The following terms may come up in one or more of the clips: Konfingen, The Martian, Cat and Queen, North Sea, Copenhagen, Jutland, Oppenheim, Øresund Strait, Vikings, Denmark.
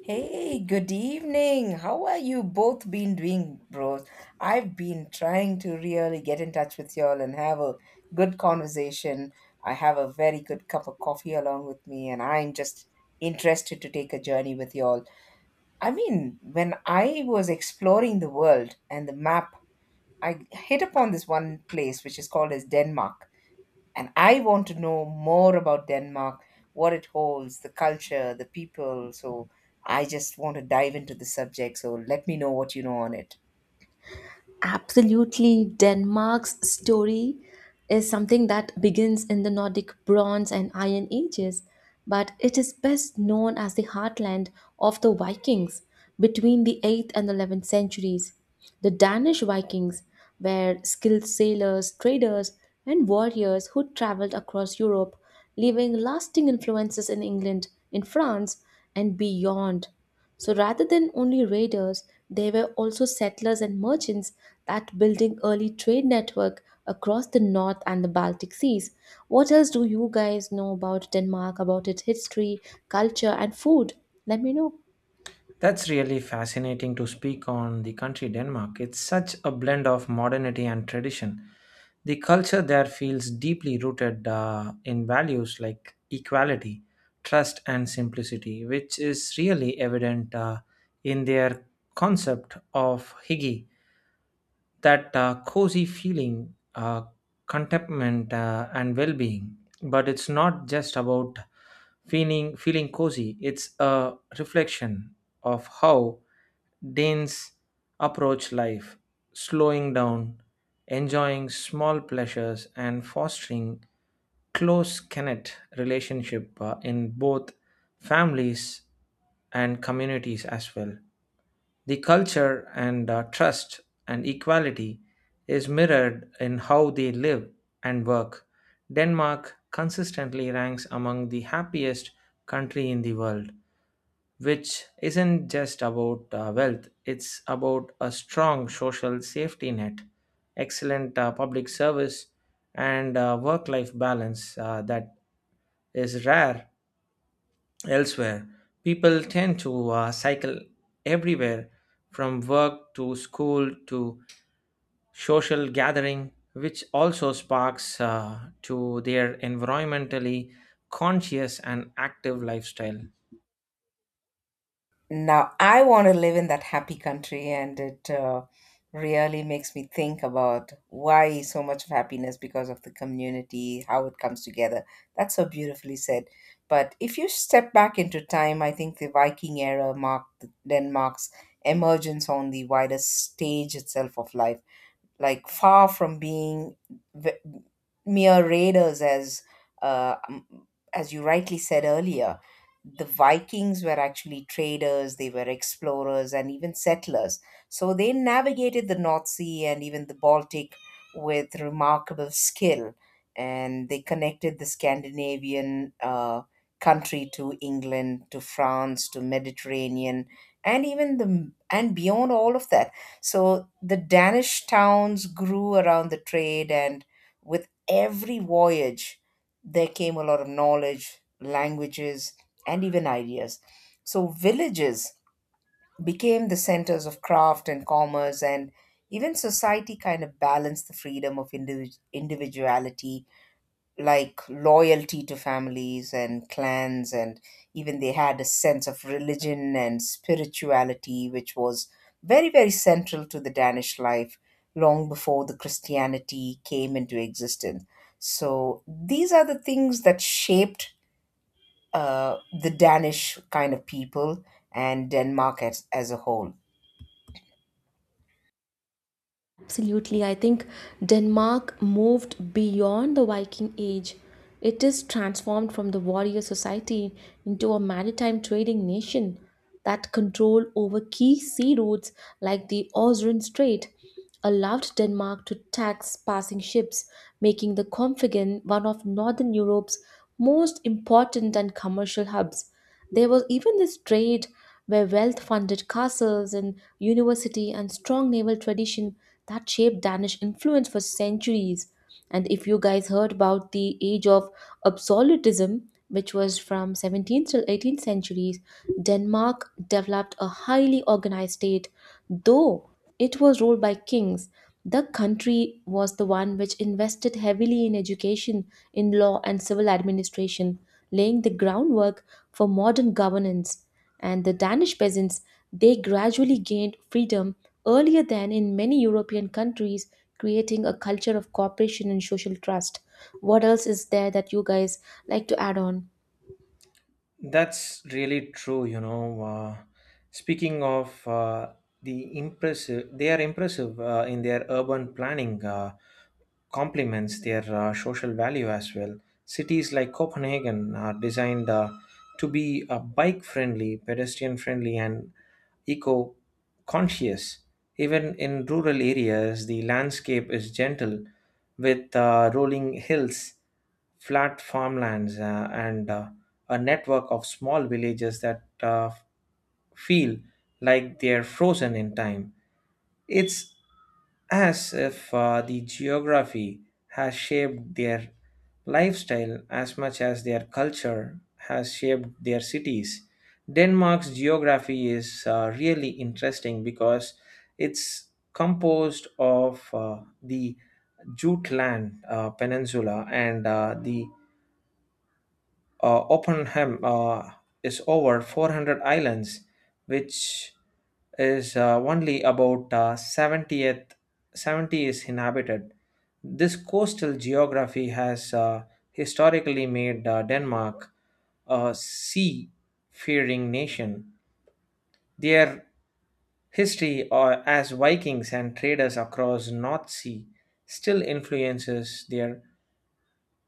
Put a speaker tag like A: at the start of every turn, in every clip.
A: Hey, good evening. How are you both been doing, bros? I've been trying to really get in touch with y'all and have a good conversation. I have a very good cup of coffee along with me, and I'm just interested to take a journey with y'all. I mean, when I was exploring the world and the map, I hit upon this one place which is called as Denmark. And I want to know more about Denmark, what it holds, the culture, the people. So I just want to dive into the subject. So let me know what you know on it.
B: Absolutely, Denmark's story is something that begins in the Nordic Bronze and Iron Ages, but it is best known as the heartland of the Vikings between the 8th and 11th centuries. The Danish Vikings were skilled sailors, traders, and warriors who traveled across Europe, leaving lasting influences in England, in France, and beyond. So rather than only raiders, they were also settlers and merchants that building early trade network across the North and the Baltic Seas. What else do you guys know about Denmark, about its history, culture and food? Let me know.
C: That's really fascinating to speak on the country Denmark. It's such a blend of modernity and tradition. The culture there feels deeply rooted in values like equality, trust, and simplicity, which is really evident in their concept of hygge, that cozy feeling, contentment, and well-being. But it's not just about feeling cozy. It's a reflection of how Danes approach life, slowing down, enjoying small pleasures, and fostering close connect relationship in both families and communities as well. The culture and trust and equality is mirrored in how they live and work. Denmark consistently ranks among the happiest country in the world, which isn't just about wealth. It's about a strong social safety net, excellent public service, and work life balance that is rare elsewhere. People tend to cycle everywhere from work to school to social gathering, which also sparks to their environmentally conscious and active lifestyle.
A: Now, I want to live in that happy country, and it really makes me think about why so much of happiness because of the community, how it comes together. That's so beautifully said. But if you step back into time, I think the Viking era marked Denmark's emergence on the wider stage itself of life, like far from being v- mere raiders, uh, um, as you rightly said earlier, the Vikings were actually traders, they were explorers and even settlers. So they navigated the North Sea and even the Baltic with remarkable skill, and they connected the Scandinavian country to England, to France, to Mediterranean, and even the and beyond all of that. So the Danish towns grew around the trade, and with every voyage, there came a lot of knowledge, languages, and even ideas. So villages became the centers of craft and commerce, and even society kind of balanced the freedom of individuality, like loyalty to families and clans, and even they had a sense of religion and spirituality which was very, very central to the Danish life long before the Christianity came into existence. So these are the things that shaped the Danish kind of people and Denmark as a whole.
B: Absolutely, I think Denmark moved beyond the Viking Age. It is transformed from the warrior society into a maritime trading nation that control over key sea routes like the Øresund Strait allowed Denmark to tax passing ships, making the Konfingen one of Northern Europe's most important and commercial hubs. There was even this trade where wealth funded castles and university and strong naval tradition that shaped Danish influence for centuries. And if you guys heard about the age of absolutism, which was from 17th till 18th centuries, Denmark developed a highly organized state, though it was ruled by kings. The country was the one which invested heavily in education, in law, and civil administration, laying the groundwork for modern governance, and the Danish peasants they gradually gained freedom earlier than in many European countries, creating a culture of cooperation and social trust. What else is there that you guys like to add on?
C: That's really true, you know. Speaking of the impressive, they are impressive in their urban planning, complements their social value as well. Cities like Copenhagen are designed to be bike friendly, pedestrian friendly, and eco conscious. Even in rural areas, the landscape is gentle with rolling hills, flat farmlands, and a network of small villages that feel like they're frozen in time. It's as if the geography has shaped their lifestyle as much as their culture has shaped their cities. Denmark's geography is really interesting because it's composed of the Jutland Peninsula and the Oppenheim is over 400 islands, which is only about 70th, 70 is inhabited. This coastal geography has historically made Denmark a sea-faring nation. Their history as Vikings and traders across North Sea still influences their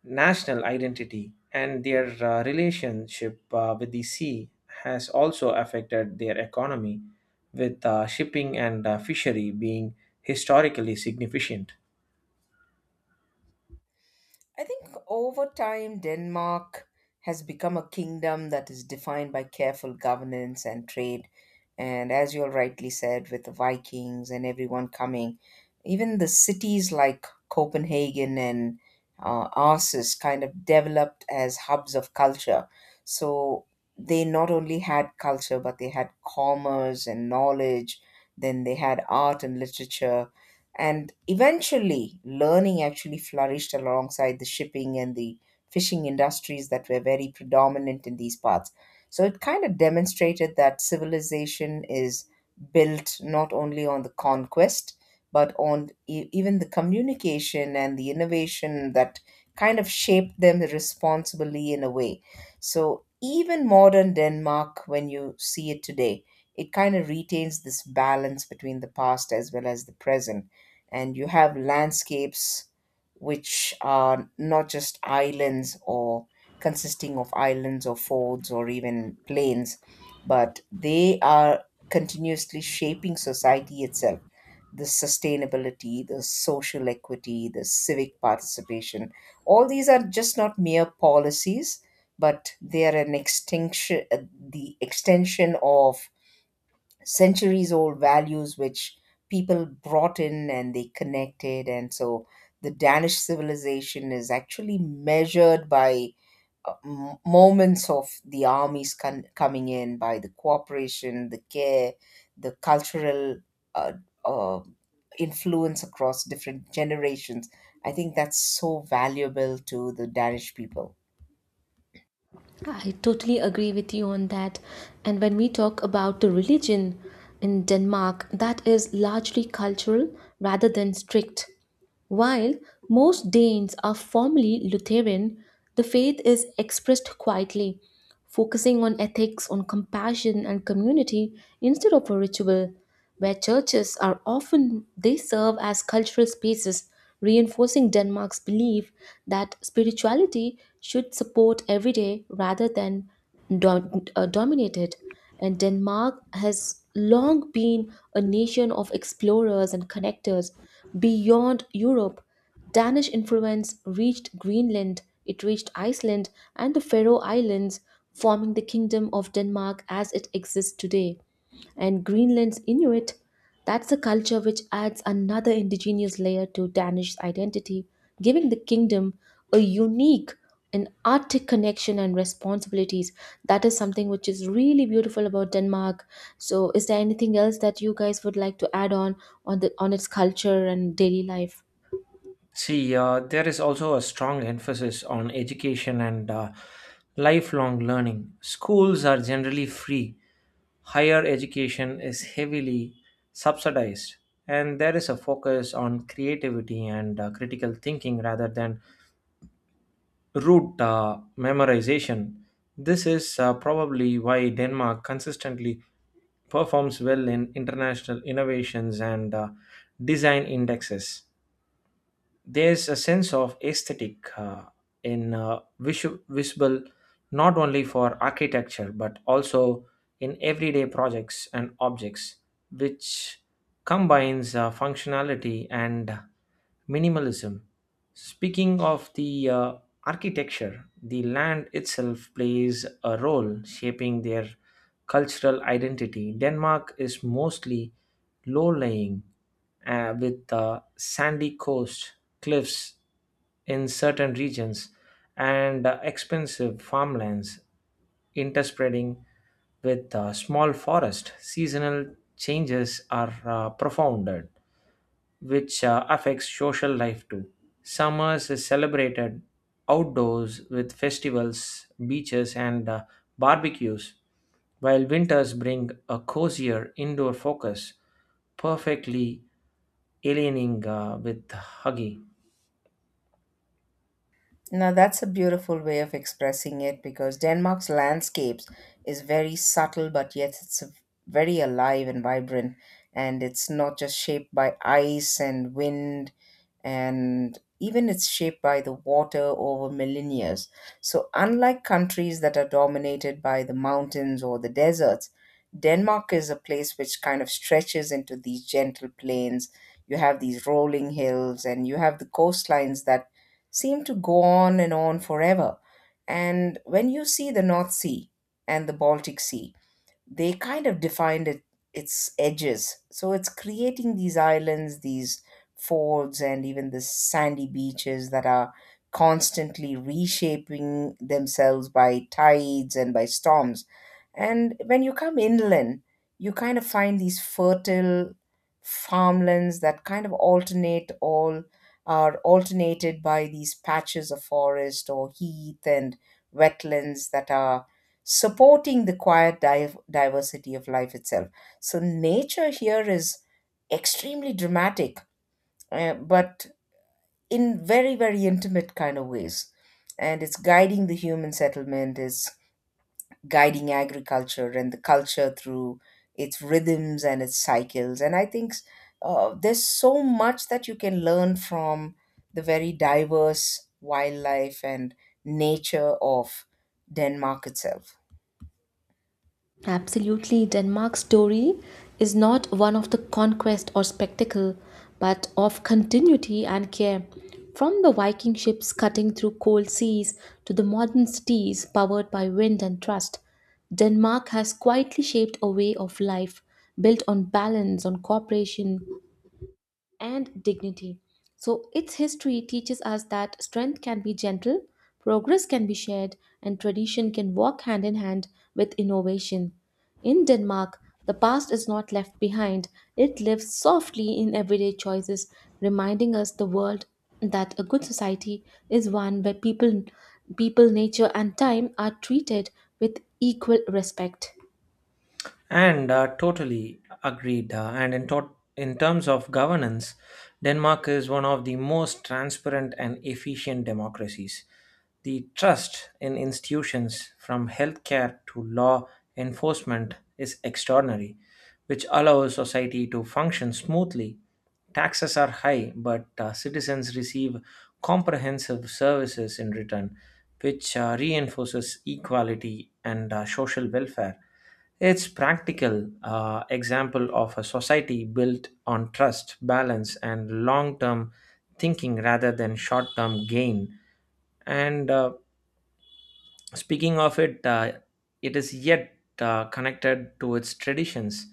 C: national identity, and their relationship with the sea has also affected their economy, with shipping and fishery being historically significant.
A: I think over time, Denmark has become a kingdom that is defined by careful governance and trade. And as you all rightly said, with the Vikings and everyone coming, even the cities like Copenhagen and Aarhus kind of developed as hubs of culture. So they not only had culture, but they had commerce and knowledge, then they had art and literature, and eventually, learning actually flourished alongside the shipping and the fishing industries that were very predominant in these parts. So it kind of demonstrated that civilization is built not only on the conquest, but on even the communication and the innovation that kind of shaped them responsibly in a way. So even modern Denmark, when you see it today, it kind of retains this balance between the past as well as the present, and you have landscapes which are not just islands or consisting of islands or folds or even plains, but they are continuously shaping society itself. The sustainability, the social equity, the civic participation, all these are just not mere policies, but they are an extinction, the extension of centuries old values which people brought in and they connected, and so the Danish civilization is actually measured by moments of the armies coming in, by the cooperation, the care, the cultural uh, uh, influence across different generations. I think that's so valuable to the Danish people.
B: I totally agree with you on that. And when we talk about the religion in Denmark, that is largely cultural rather than strict. While most Danes are formally Lutheran, the faith is expressed quietly, focusing on ethics, on compassion, and community instead of a ritual where churches are often they serve as cultural spaces reinforcing Denmark's belief that spirituality should support everyday rather than dominate it. And Denmark has long been a nation of explorers and connectors beyond Europe. Danish influence reached Greenland, it reached Iceland and the Faroe Islands, forming the kingdom of Denmark as it exists today. And Greenland's Inuit, that's a culture which adds another indigenous layer to Danish identity, giving the kingdom a unique and Arctic connection and responsibilities. That is something which is really beautiful about Denmark. So, is there anything else that you guys would like to add on the on its culture and daily life?
C: See, there is also a strong emphasis on education and lifelong learning. Schools are generally free, higher education is heavily subsidized, and there is a focus on creativity and critical thinking rather than route memorization. This is probably why Denmark consistently performs well in international innovations and design indexes. There's a sense of aesthetic in visible not only for architecture but also in everyday projects and objects, which combines functionality and minimalism. Speaking of the architecture, the land itself plays a role shaping their cultural identity. Denmark is mostly low lying with sandy coast, cliffs in certain regions, and expensive farmlands interspreading with small forest. Seasonal changes are profound, which affects social life too. Summers is celebrated outdoors with festivals, beaches, and barbecues, while winters bring a cozier indoor focus, perfectly aliening with Huggy.
A: Now that's a beautiful way of expressing it, because Denmark's landscapes is very subtle, but yet it's very alive and vibrant, and it's not just shaped by ice and wind, and even it's shaped by the water over millennia. So, unlike countries that are dominated by the mountains or the deserts, Denmark is a place which kind of stretches into these gentle plains. You have these rolling hills and you have the coastlines that seem to go on and on forever. And when you see the North Sea and the Baltic Sea, they kind of defined it, its edges. So it's creating these islands, these fords, and even the sandy beaches that are constantly reshaping themselves by tides and by storms. And when you come inland, you kind of find these fertile farmlands that kind of alternate all are alternated by these patches of forest or heath and wetlands that are supporting the quiet diversity of life itself. So, nature here is extremely dramatic, but in very, very intimate kind of ways. And it's guiding the human settlement, it's guiding agriculture and the culture through its rhythms and its cycles. And I think there's so much that you can learn from the very diverse wildlife and nature of Denmark itself.
B: Absolutely, Denmark's story is not one of the conquest or spectacle, but of continuity and care. From the Viking ships cutting through cold seas to the modern cities powered by wind and trust, Denmark has quietly shaped a way of life built on balance, on cooperation, and dignity. So, its history teaches us that strength can be gentle, progress can be shared, and tradition can walk hand in hand with innovation. In Denmark, the past is not left behind, it lives softly in everyday choices, reminding us the world that a good society is one where people, nature, and time are treated with equal respect.
C: And totally agreed. And in, tot In terms of governance, Denmark is one of the most transparent and efficient democracies. The trust in institutions, from healthcare to law enforcement, is extraordinary, which allows society to function smoothly. Taxes are high, but citizens receive comprehensive services in return, which reinforces equality and social welfare. It's practical example of a society built on trust, balance, and long-term thinking rather than short-term gain. And speaking of it, it is yet connected to its traditions.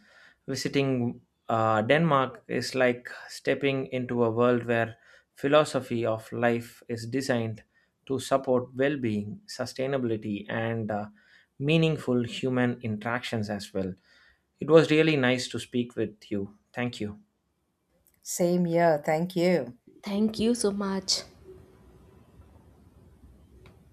C: Visiting Denmark is like stepping into a world where philosophy of life is designed to support well-being, sustainability, and meaningful human interactions as well. It was really nice to speak with you. Thank you.
A: Same here. Thank you.
B: Thank you so much.